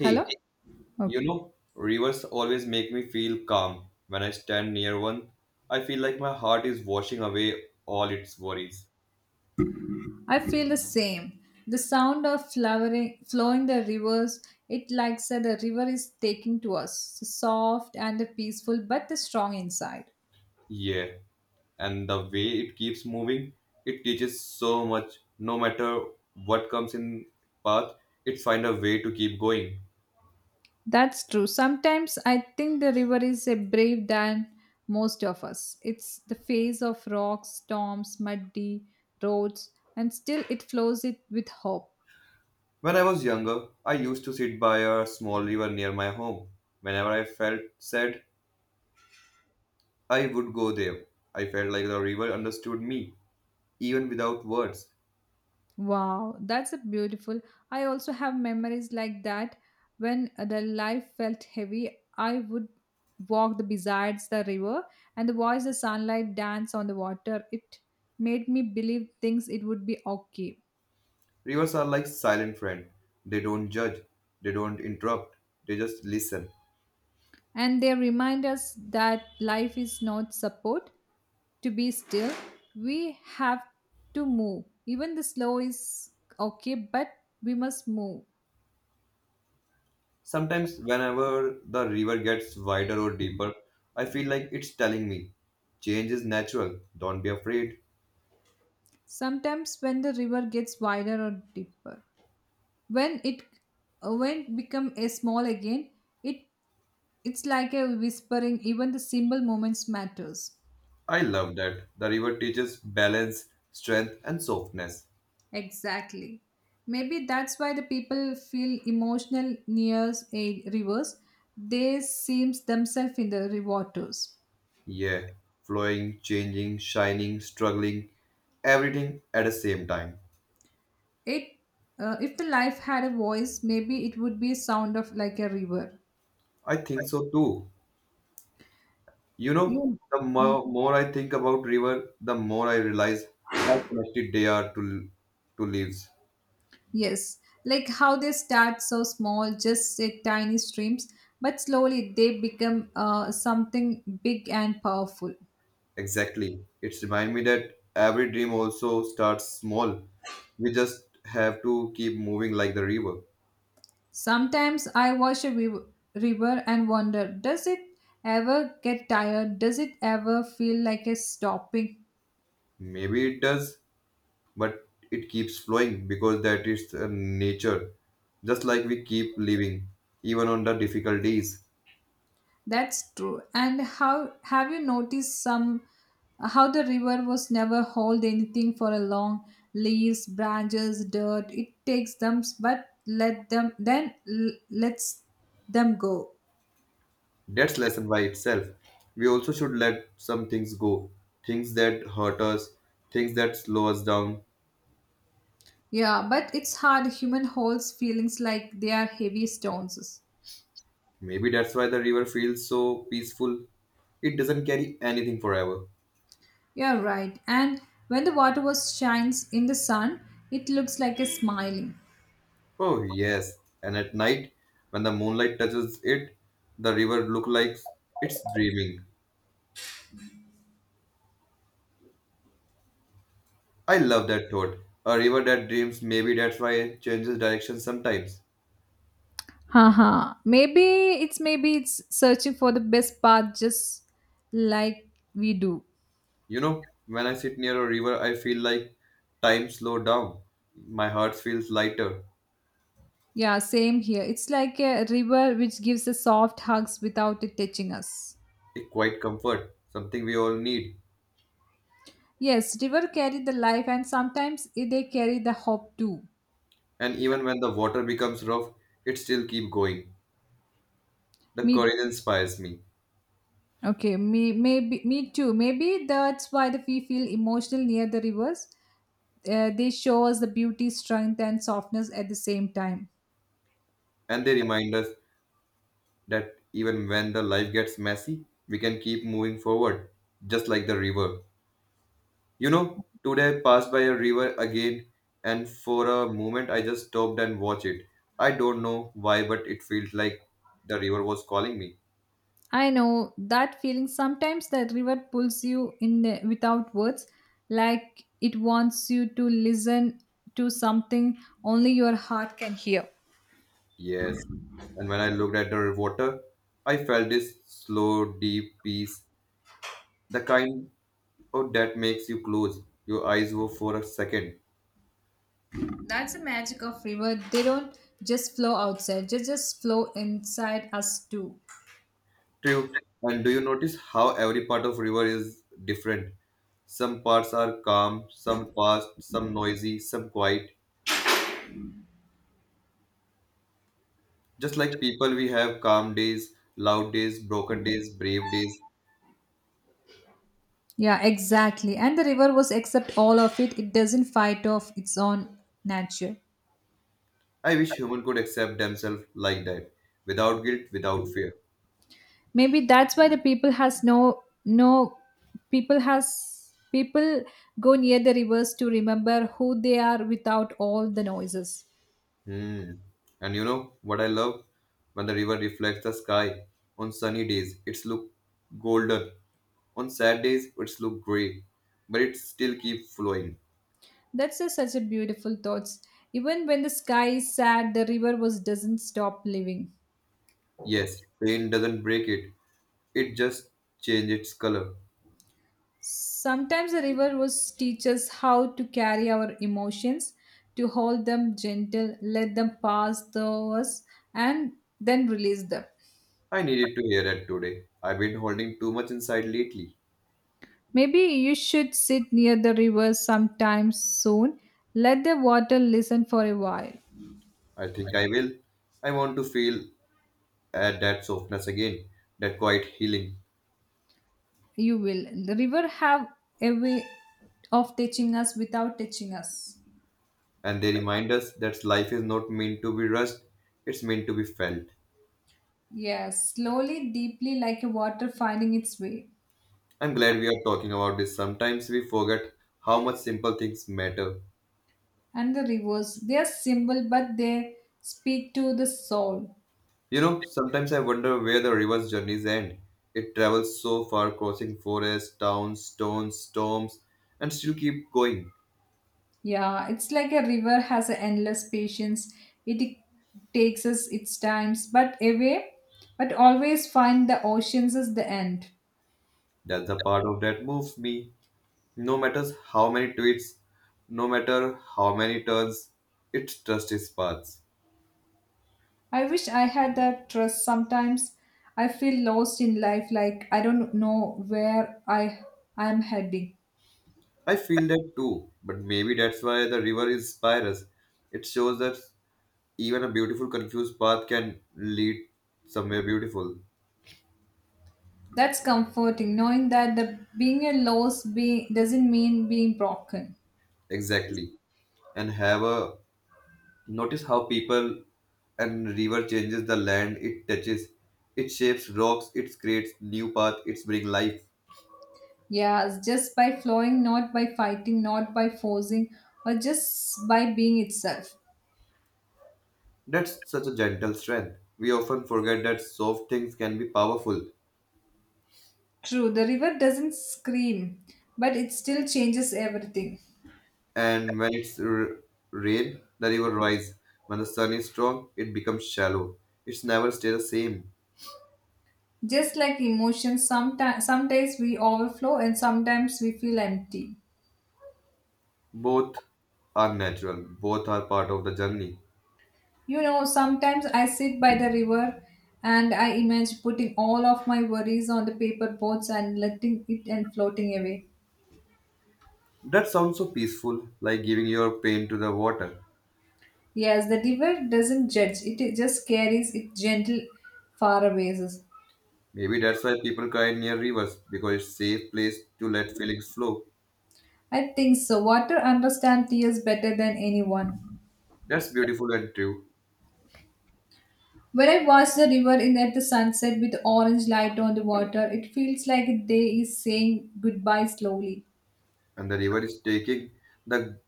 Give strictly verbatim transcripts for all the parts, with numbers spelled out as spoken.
Hello? you Okay. know, rivers always make me feel calm. When I stand near one, I feel like my heart is washing away all its worries. I feel the same. The sound of flowering, flowing the rivers, it like said the river is taking to us, so soft and peaceful, but the strong inside. Yeah, and the way it keeps moving, it teaches so much. No matter what comes in path, it finds a way to keep going. That's true. Sometimes I think the river is a brave than most of us. It's the face of rocks, storms, muddy roads, and still it flows it with hope. When I was younger, I used to sit by a small river near my home. Whenever I felt sad, I would go there. I felt like the river understood me, even without words. Wow, that's a beautiful. I also have memories like that. When the life felt heavy, I would walk the besides the river and watch the sunlight dance on the water. It made me believe things it would be okay. Rivers are like silent friend. They don't judge, they don't interrupt, they just listen. And they remind us that life is not support to be still. We have to move. Even the slow is okay, but we must move. Sometimes whenever the river gets wider or deeper, I feel like it's telling me, change is natural, don't be afraid. Sometimes when the river gets wider or deeper. When it uh, when it become a small again it it's like a whispering even the simple moments matters I love that. The river teaches balance, strength and softness. exactly maybe that's why the people feel emotional near a rivers they seems themselves in the waters Yeah, flowing, changing, shining, struggling, everything at the same time. it uh, if the life had a voice maybe it would be sound of like a river I think so too. You know, you. the more, more I think about river, the more I realize how connected they are to to leaves. Yes, like how they start so small, just a tiny streams, but slowly they become uh, something big and powerful. Exactly. It's remind me that every dream also starts small. We just have to keep moving like the river. Sometimes I watch a riv- river and wonder, does it ever get tired? Does it ever feel like it's stopping? Maybe it does, but it keeps flowing because that is uh, nature. Just like we keep living, even on the difficult days. That's true. And how have you noticed some how the river was never hold anything for a long leaves, branches, dirt. It takes them, but let them then l- lets them go. That's lesson by itself. We also should let some things go. Things that hurt us, things that slow us down. Yeah, but it's hard. Human holds feelings like they are heavy stones. Maybe that's why the river feels so peaceful. It doesn't carry anything forever. You're right. And when the water was shines in the sun, it looks like a smiling. Oh yes. And at night, when the moonlight touches it, the river looks like it's dreaming. I love that thought. A river that dreams, maybe that's why it changes direction sometimes. Haha. Maybe it's maybe it's searching for the best path just like we do. You know, when I sit near a river, I feel like time slow down. My heart feels lighter. Yeah, same here. It's like a river which gives us soft hugs without it touching us. A quiet comfort, something we all need. Yes, river carry the life and sometimes i- they carry the hope too. And even when the water becomes rough, it still keep going. The Me courage inspires me, okay, me maybe me too. Maybe that's why the we feel emotional near the rivers. Uh, they show us the beauty, strength and softness at the same time. and they remind us that even when the life gets messy, we can keep moving forward, just like the river. You know, today I passed by a river again, and for a moment I just stopped and watched it. I don't know why, but it felt like the river was calling me. I know that feeling. Sometimes the river pulls you in uh, without words, like it wants you to listen to something only your heart can hear. Yes. And when I looked at the water, I felt this slow, deep peace. The kind of that makes you close your eyes wo- for a second. That's the magic of river. They don't just flow outside; they just flow inside us too. True. And do you notice how every part of river is different? Some parts are calm, some fast, some noisy, some quiet. Just like people, we have calm days, loud days, broken days, brave days. Yeah, exactly. And the river was accept all of it. It doesn't fight off its own nature. I wish human could accept themselves like that, without guilt, without fear. Maybe that's why the people has no no people has people go near the rivers to remember who they are without all the noises. Hmm. And you know what I love? When the river reflects the sky on sunny days, it's look golden. On sad days, it's look grey, but it still keep flowing. That's just such a beautiful thoughts. Even when the sky is sad, the river was doesn't stop living. Yes, pain doesn't break it. It just change its color. Sometimes the river was teaches how to carry our emotions, to hold them gentle, let them pass through us, and then release them. I needed to hear that today. I've been holding too much inside lately. Maybe you should sit near the river sometime soon. Let the water listen for a while. I think I will. I want to feel at that softness again, that quiet healing. You will. The river have a way of touching us without touching us. And they remind us that life is not meant to be rushed, it's meant to be felt. Yes, slowly, deeply, like a water finding its way. I'm glad we are talking about this. Sometimes we forget how much simple things matter. And the rivers, they are simple, but they speak to the soul. You know, sometimes I wonder where the river's journeys end. It travels so far, crossing forests, towns, stones, storms, and still keep going. Yeah, it's like a river has an endless patience. It takes us its times, but away, but always find the oceans as the end. That's the part of that moves me. No matter how many twists, no matter how many turns, it trusts its paths. I wish I had that trust. Sometimes I feel lost in life, like I don't know where I I am heading. I feel that too, but maybe that's why the river inspires us. It shows that even a beautiful, confused path can lead somewhere beautiful. That's comforting, knowing that the being a lost being doesn't mean being broken. Exactly. And have a Notice how people and river changes the land it touches. It shapes rocks, it creates new path, it brings life. Yeah, it's just by flowing, not by fighting, not by forcing, or just by being itself. That's such a gentle strength. We often forget that soft things can be powerful. True, the river doesn't scream, but it still changes everything. And when it's r- rain, the river rise. When the sun is strong, it becomes shallow. It's never stay the same. Just like emotions, sometimes some days we overflow and sometimes we feel empty. Both are natural. Both are part of the journey. You know, sometimes I sit by the river and I imagine putting all of my worries on the paper boats and letting it and floating away. That sounds so peaceful, like giving your pain to the water. Yes, the river doesn't judge, it just carries it gentle far away. Maybe that's why people cry near rivers because it's safe place to let feelings flow. I think so. Water understands tears better than anyone. That's beautiful and true. When I watch the river in at the sunset with orange light on the water, it feels like a day is saying goodbye slowly. And the river is taking the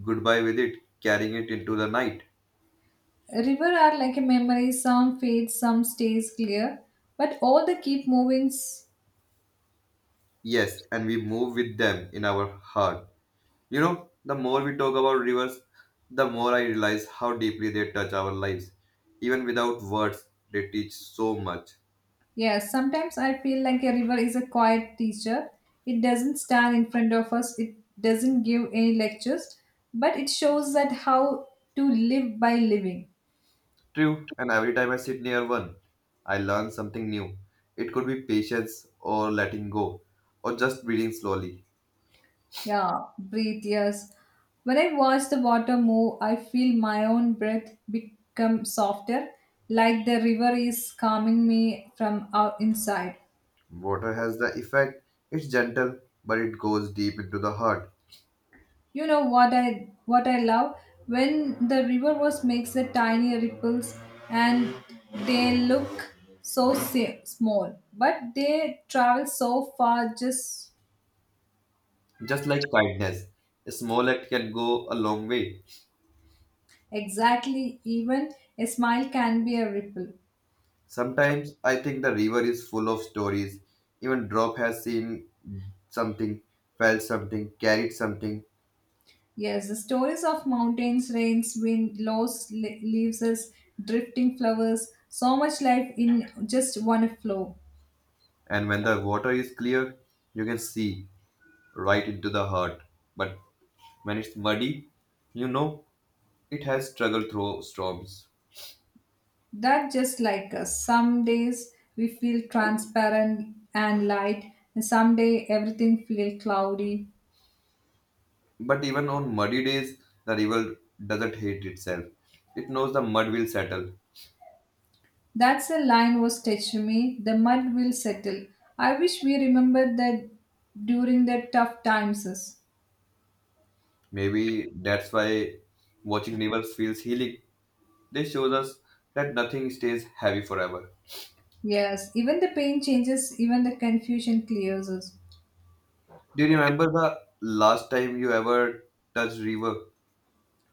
goodbye with it, carrying it into the night. River are like a memory, some fades, some stays clear, but all the keep movings. Yes, and we move with them in our heart. You know, the more we talk about rivers, the more I realize how deeply they touch our lives. Even without words, they teach so much. Yes, sometimes I feel like a river is a quiet teacher. It doesn't stand in front of us, it doesn't give any lectures, but it shows that how to live by living. True, and every time I sit near one, I learn something new. It could be patience or letting go, or just breathing slowly. Yeah, breathe, yes. When I watch the water move, I feel my own breath become softer, like the river is calming me from out inside. Water has the effect, it's gentle, but it goes deep into the heart. You know what I what I love when the river was makes the tiny ripples and they look so si- small, but they travel so far. Just Just like kindness, a small act can go a long way. exactly, even a smile can be a ripple. Sometimes I think the river is full of stories. Even drop has seen something, felt something, carried something, Yes, the stories of mountains, rains, wind, lost le- leaves, us, drifting flowers. So much life in just one flow. and when the water is clear, you can see right into the heart. But when it's muddy, you know it has struggled through storms. That just like us. Some days we feel transparent and light, and someday everything feel cloudy. But even on muddy days, the river doesn't hate itself. It knows the mud will settle. That's a line was touching me. The mud will settle. I wish we remembered that during the tough times. Is. Maybe that's why watching rivers feels healing. They shows us that nothing stays heavy forever. Yes, even the pain changes, even the confusion clears us. Do you remember the last time you ever touched river?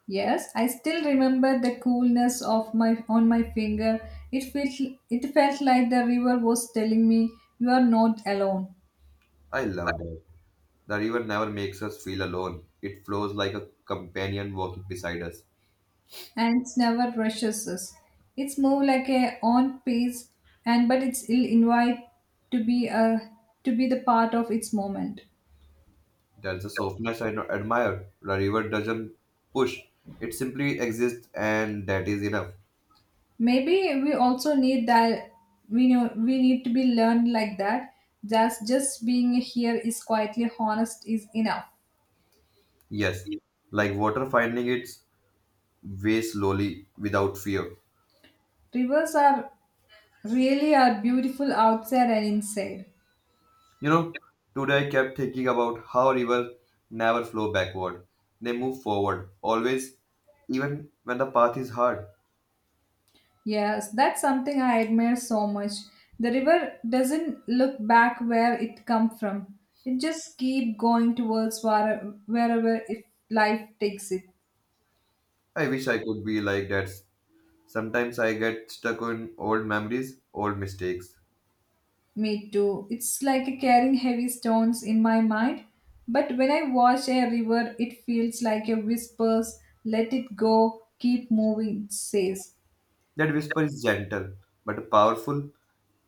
Yes, I still remember the coolness of my on my finger. It felt it felt like the river was telling me you are not alone. I love that. The river never makes us feel alone. It flows like a companion walking beside us. Ants never rushes us. It's more like a on pace, and but it's ill invite to be a to be the part of its moment. There's a softness I admire. The river doesn't push. It simply exists and that is enough. Maybe we also need that we know we need to be learned like that. Just just being here is quietly honest is enough. Yes, like water finding its way slowly without fear. Rivers are really are beautiful outside and inside. You know, today I kept thinking about how rivers never flow backward. They move forward, always, even when the path is hard. Yes, that's something I admire so much. The river doesn't look back where it come from. It just keep going towards where- wherever if life takes it. I wish I could be like that. Sometimes I get stuck on old memories, old mistakes. Me too. It's like carrying heavy stones in my mind. But when I watch a river, it feels like a whispers, let it go, keep moving, it says. That whisper is gentle but powerful.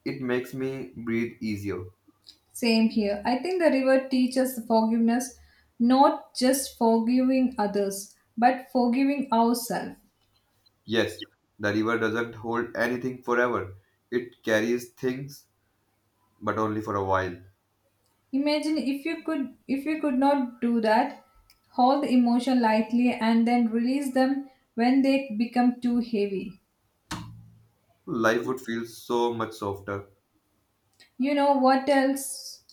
It makes me breathe easier. Same here. I think the river teaches forgiveness, not just forgiving others, but forgiving ourselves. Yes, the river doesn't hold anything forever. It carries things, but only for a while. Imagine if you could if you could not do that, hold the emotion lightly and then release them when they become too heavy. Life would feel so much softer. You know what else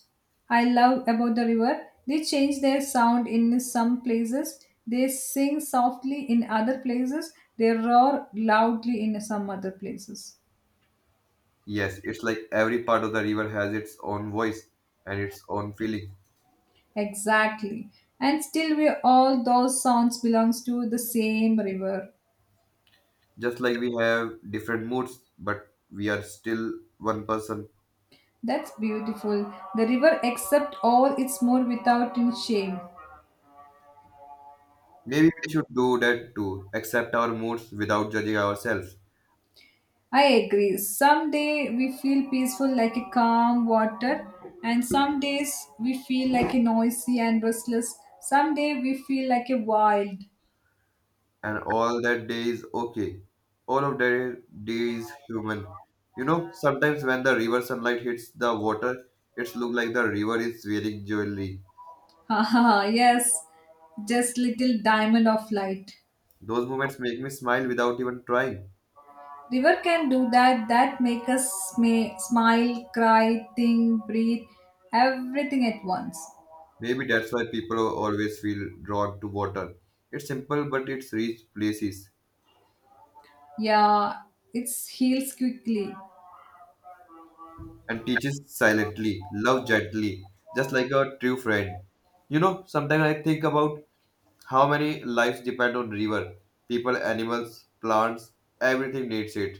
I love about the river? They change their sound in some places, they sing softly in other places, they roar loudly in some other places. Yes, it's like every part of the river has its own voice and its own feeling. Exactly. And still we all those sounds belongs to the same river. Just like we have different moods, but we are still one person. That's beautiful. The river accepts all its more without in shame. Maybe we should do that too, accept our moods without judging ourselves. I agree. Some day we feel peaceful like a calm water, and some days we feel like a noisy and restless. Some day we feel like a wild. And all that day is okay. All of that day is human. You know, sometimes when the river sunlight hits the water, it's look like the river is wearing jewelry. Haha, yes, just little diamond of light. Those moments make me smile without even trying. River can do that. That make us may smile, cry, think, breathe, everything at once. Maybe that's why people always feel drawn to water. It's simple, but it's rich places Yeah, it heals quickly. and teaches silently, love gently, just like a true friend. You know, sometimes I think about how many lives depend on river. People, animals, plants, everything needs it.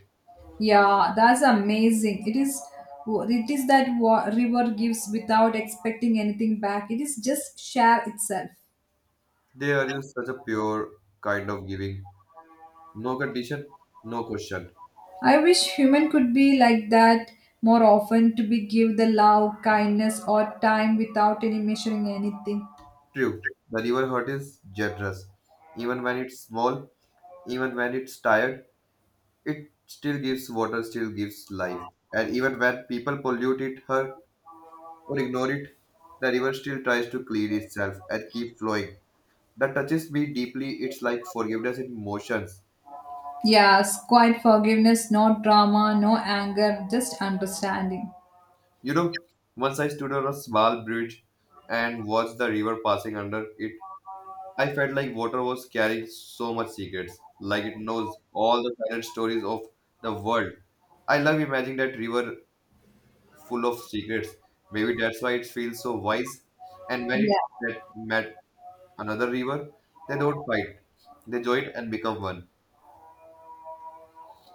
Yeah, that's amazing. It is it is that wa- river gives without expecting anything back. It is just share itself. There is such a pure kind of giving. No condition, no question. I wish human could be like that more often to be give the love, kindness or time without any measuring anything. True, the river heart is generous. Even when it's small, even when it's tired, it still gives water, still gives life. And even when people pollute it, hurt, or ignore it, the river still tries to clean itself and keep flowing. That touches me deeply. It's like forgiveness in motions. Yes, quite forgiveness, no drama, no anger, just understanding. You know, once I stood on a small bridge and watched the river passing under it, I felt like water was carrying so much secrets, like it knows all the silent stories of the world. I love imagining that river full of secrets. Maybe that's why it feels so wise. And when it Yeah. met, met another river, they don't fight. They join and become one.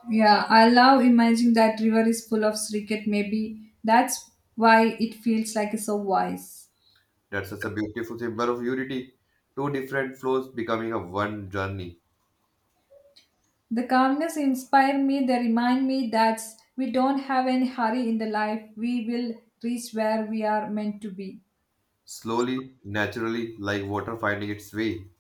Yeah, I love imagining that river is full of cricket maybe. That's why it feels like so wise. That's such a beautiful symbol of unity. Two different flows becoming a one journey. The calmness inspire me. They remind me that we don't have any hurry in the life. We will reach where we are meant to be. Slowly, naturally, like water finding its way.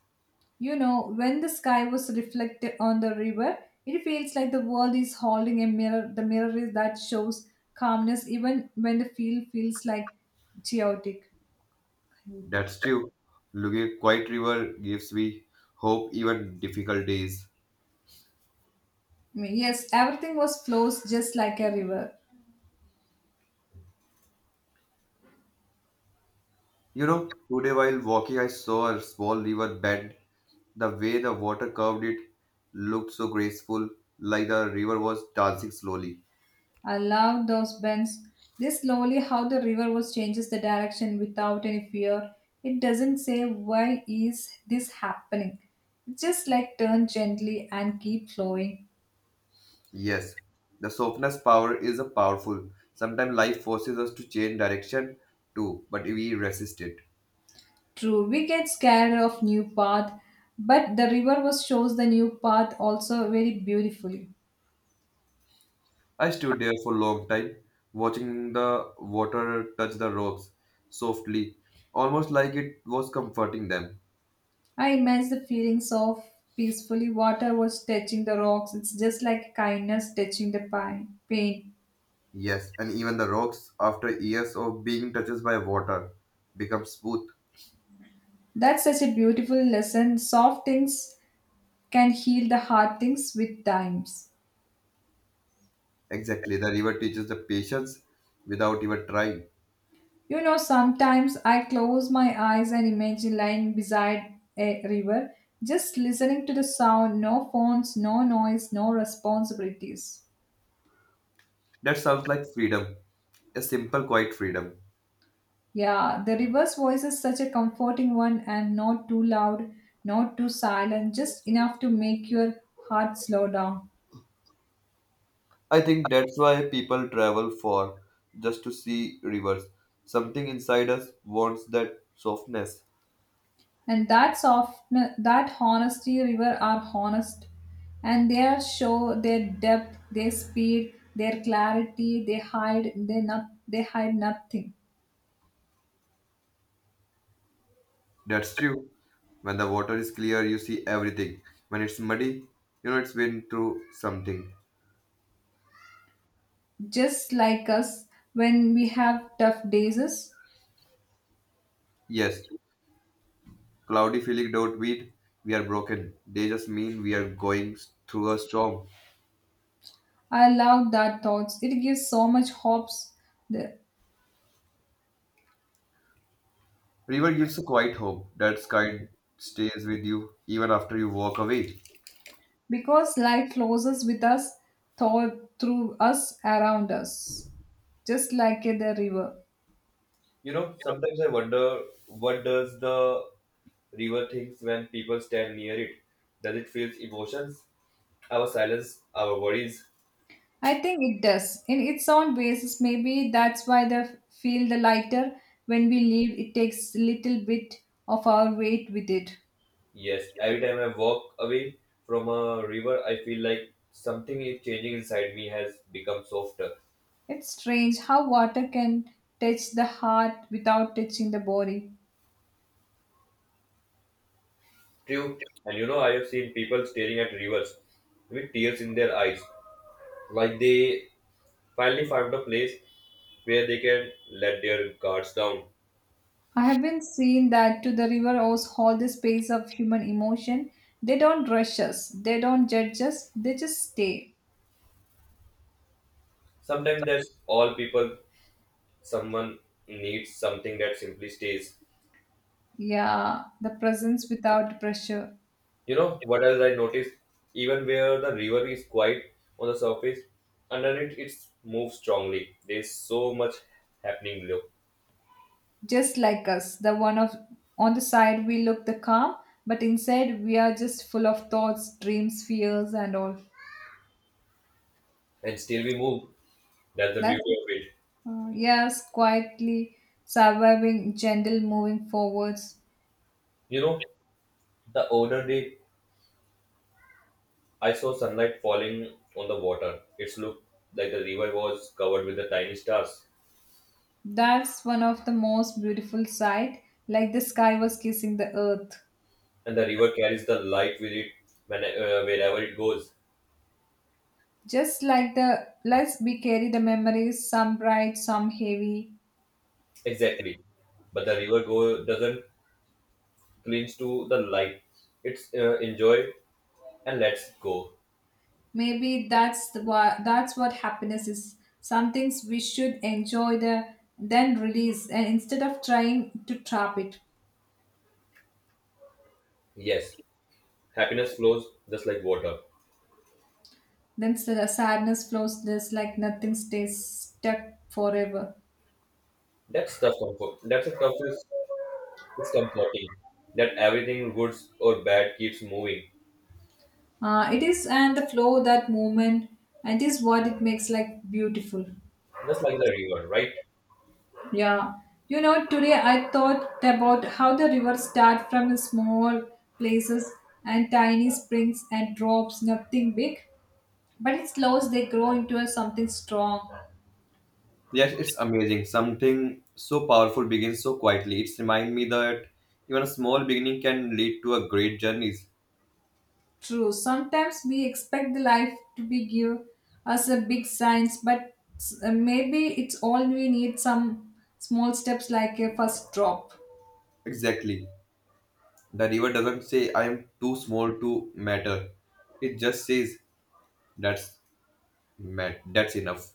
You know, when the sky was reflected on the river, it feels like the world is holding a mirror. The mirror is that shows calmness even when the field feels like chaotic. That's true. Looking at quiet river gives me hope even difficult days. Yes, everything was flows just like a river. You know, today while walking, I saw a small river bend. The way the water curved it looked so graceful, like the river was dancing slowly. I love those bends. This slowly how the river was changes the direction without any fear. It doesn't say why is this happening. It just like turn gently and keep flowing. Yes, the softness power is a powerful. Sometimes life forces us to change direction too, but we resist it. True, we get scared of new path, but the river was shows the new path also very beautifully. I stood there for a long time, watching the water touch the rocks softly, almost like it was comforting them. I imagine the feelings of peacefully water was touching the rocks. It's just like kindness touching the pine, pain. Yes, and even the rocks, after years of being touched by water, become smooth. That's such a beautiful lesson. Soft things can heal the hard things with times. Exactly, the river teaches the patience without even trying. You know, sometimes I close my eyes and imagine lying beside a river, just listening to the sound, no phones, no noise, no responsibilities. That sounds like freedom, a simple, quiet freedom. Yeah, the river's voice is such a comforting one and not too loud, not too silent, just enough to make your heart slow down. I think that's why people travel for just to see rivers. Something inside us wants that softness. And that soft, that honesty river are honest, and they are show their depth, their speed, their clarity. They hide, they not, they hide nothing. That's true. When the water is clear, you see everything. When it's muddy, you know it's been through something. Just like us when we have tough days. Yes, cloudy feeling don't mean we are broken. They just mean we are going through a storm. I love that thoughts. It gives so much hopes, the- River gives a quiet hope. That kind stays with you even after you walk away. because life flows us with us, thought through us, around us, just like the river. You know, sometimes I wonder what does the river thinks when people stand near it? Does it feel emotions? Our silence, our worries? I think it does. In its own ways. Maybe that's why the feel the lighter when we leave. It takes little bit of our weight with it. Yes, every time I walk away from a river, I feel like something is changing inside me has become softer. It's strange how water can touch the heart without touching the body. True. And you know, I have seen people staring at rivers with tears in their eyes, like they finally found a place where they can let their guards down. I have been seeing that to the river owes all the space of human emotion. They don't rush us. They don't judge us. They just stay. Sometimes that's all people, someone needs something that simply stays. Yeah, the presence without pressure. You know, what else I noticed? Even where the river is quiet on the surface, underneath it moves strongly. There's so much happening below. Just like us the one of on the side we look the calm but inside we are just full of thoughts dreams fears and all And still we move. That's the beauty that's of it. uh, yes, quietly surviving gentle moving forwards. You know, the older they I saw sunlight falling on the water. It looked like the river was covered with the tiny stars, That's one of the most beautiful sight, like the sky was kissing the earth, and the river carries the light with it when, uh, wherever it goes. just like the let's we carry the memories some bright some heavy. Exactly, but the river go doesn't cling to the light. It's uh, enjoy and lets go. Maybe that's the wha- that's what happiness is. Some things we should enjoy the then release, and instead of trying to trap it, Yes, happiness flows just like water. then s- the sadness flows just like nothing stays stuck forever. That's tough comfort. That's a tough is it's comforting. That everything, good or bad, keeps moving, Uh, it is and the flow that movement, and it is what it makes like beautiful. just like the river, right? Yeah. You know, today I thought about how the rivers start from small places and tiny springs and drops, nothing big. But it slows. They grow into a something strong. Yes, it's amazing. Something so powerful begins so quietly. It's remind me that even a small beginning can lead to a great journey. True. Sometimes we expect the life to be give us a big signs, but s- uh, maybe it's all we need some small steps like a first drop. Exactly. The river doesn't say I am too small to matter. It just says that's mat- that's enough.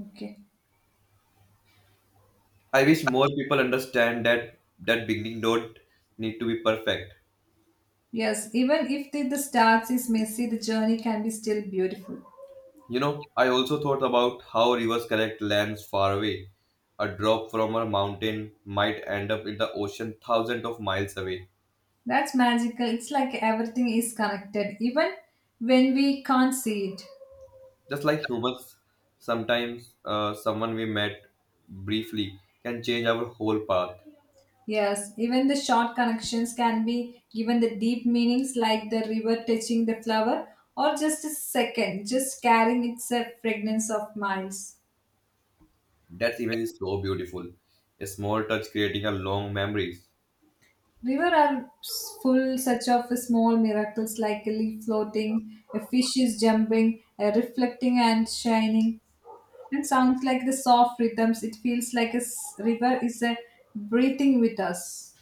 Okay. I wish more people understand that that beginning don't need to be perfect. Yes, even if the, the starts is messy, the journey can be still beautiful. You know, I also thought about how rivers connect lands far away. A drop from a mountain might end up in the ocean thousands of miles away. That's magical. It's like everything is connected, even when we can't see it. Just like humans, sometimes uh, someone we met briefly can change our whole path. Yes, even the short connections can be given the deep meanings like the river touching the flower or just a second, just carrying its uh, fragrance of miles. That image is so beautiful. A small touch creating a long memories. River are s- full such of small miracles like a leaf floating, a fish is jumping, a reflecting and shining, and sounds like the soft rhythms. It feels like a s- river is uh, breathing with us.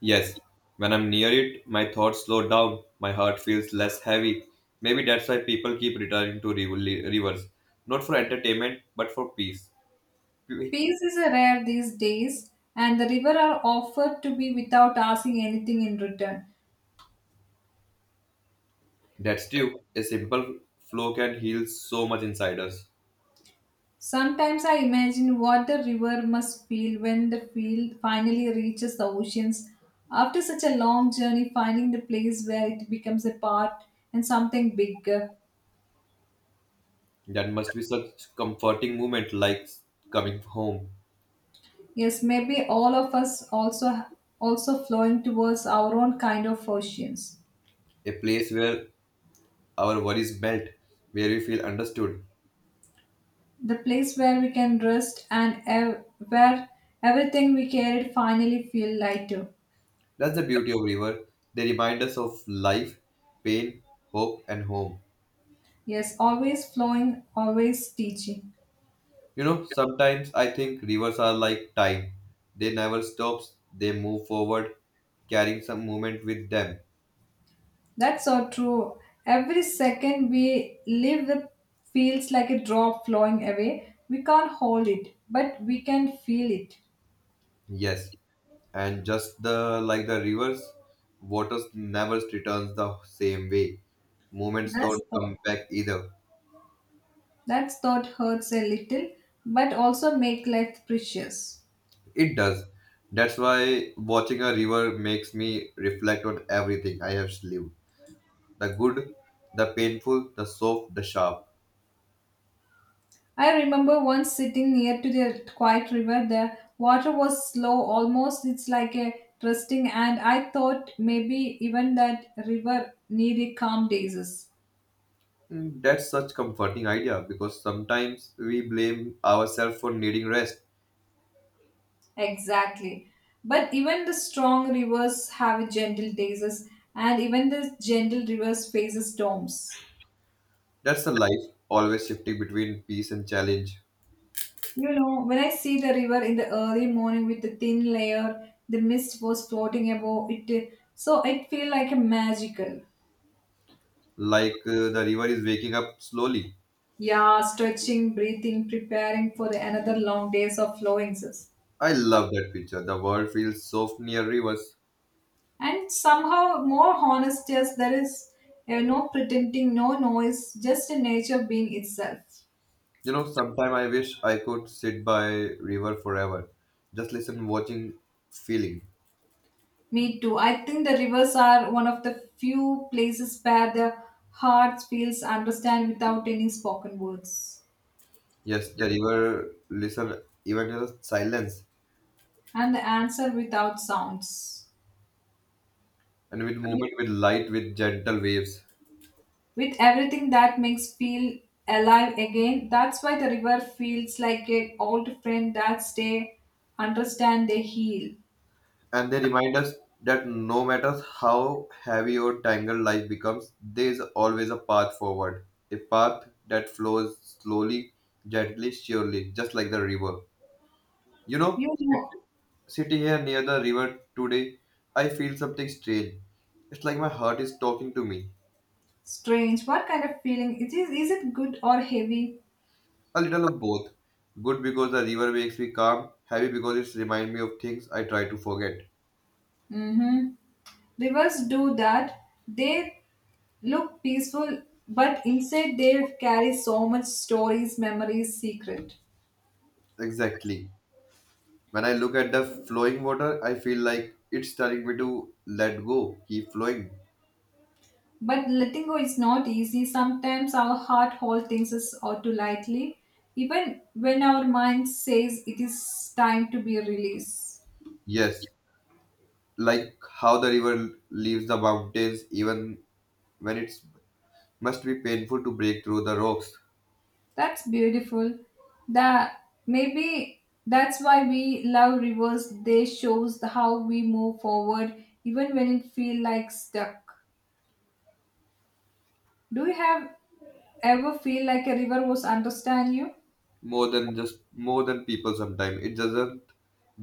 Yes, when I'm near it, my thoughts slow down, my heart feels less heavy. Maybe that's why people keep returning to riv- rivers, not for entertainment, but for peace. Peace is rare these days, and the river are offered to be without asking anything in return. That's true. A simple flow can heal so much inside us. Sometimes I imagine what the river must feel when the field finally reaches the oceans. After such a long journey, finding the place where it becomes a part and something bigger. That must be such comforting moment like coming home. Yes, maybe all of us also also flowing towards our own kind of oceans. A place where our worries melt, where we feel understood. The place where we can rest and ev- where everything we carried finally feel lighter. That's the beauty of river. They remind us of life, pain, hope, and home. Yes, always flowing, always teaching. You know, sometimes I think rivers are like time. They never stops. They move forward, carrying some movement with them. That's so true. Every second we live the feels like a drop flowing away. We can't hold it, but we can feel it. Yes, and just the like the rivers, waters never returns the same way. Moments That's don't come back either. that's thought hurts a little, but also make life precious. It does. That's why watching a river makes me reflect on everything I have lived, the good, the painful, the soft, the sharp. I remember once sitting near to the quiet river. The water was slow, almost it's like a resting, and I thought maybe even that river needed calm days. Mm, that's such comforting idea because sometimes we blame ourselves for needing rest. Exactly. But even the strong rivers have gentle tastes, and even the gentle rivers faces storms. That's the life, always shifting between peace and challenge, You know, when I see the river in the early morning with the thin layer, the mist was floating above it, so it feel like a magical. like uh, the river is waking up slowly. Yeah, stretching, breathing, preparing for the another long days of flowing sis. I love that picture. The world feels soft near rivers. And somehow more honest, yes, there is uh, no pretending, no noise, just a nature being itself. You know, sometime I wish I could sit by river forever, just listen, watching, feeling. Me too. I think the rivers are one of the few places where the heart feels understand without any spoken words Yes, the river listen even in the silence and the answer without sounds. and with movement with light with gentle waves. With everything that makes feel alive again, that's why the river feels like an old friend that stay, understand, they heal. And they remind us that no matter how heavy or tangled life becomes, there is always a path forward. A path that flows slowly, gently, surely, just like the river. You know, You know, sit- sitting here near the river today, I feel something strange. It's like my heart is talking to me. strange. What kind of feeling? It is, is it good or heavy? A little of both. Good because the river makes me calm, heavy because it reminds me of things I try to forget. Mm-hmm. Rivers do that. They look peaceful, but inside they carry so much stories, memories, secret. Exactly. When I look at the flowing water, I feel like it's telling me to let go, keep flowing. But letting go is not easy. Sometimes our heart holds things us out too lightly, even when our mind says it is time to be released. Yes, like how the river leaves the mountains even when it's must be painful to break through the rocks. That's beautiful. That maybe that's why we love rivers. They shows the how we move forward, even when it feel like stuck. Do you have ever feel like a river was understand you? More than just more than people sometimes. It doesn't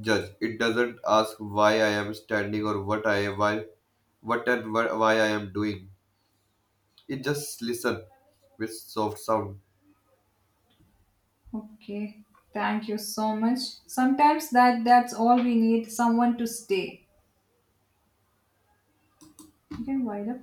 judge. It doesn't ask why I am standing or what I why what and wh- why I am doing. It just listen with soft sound. Okay. Thank you so much. Sometimes that that's all we need, someone to stay. You can wind up.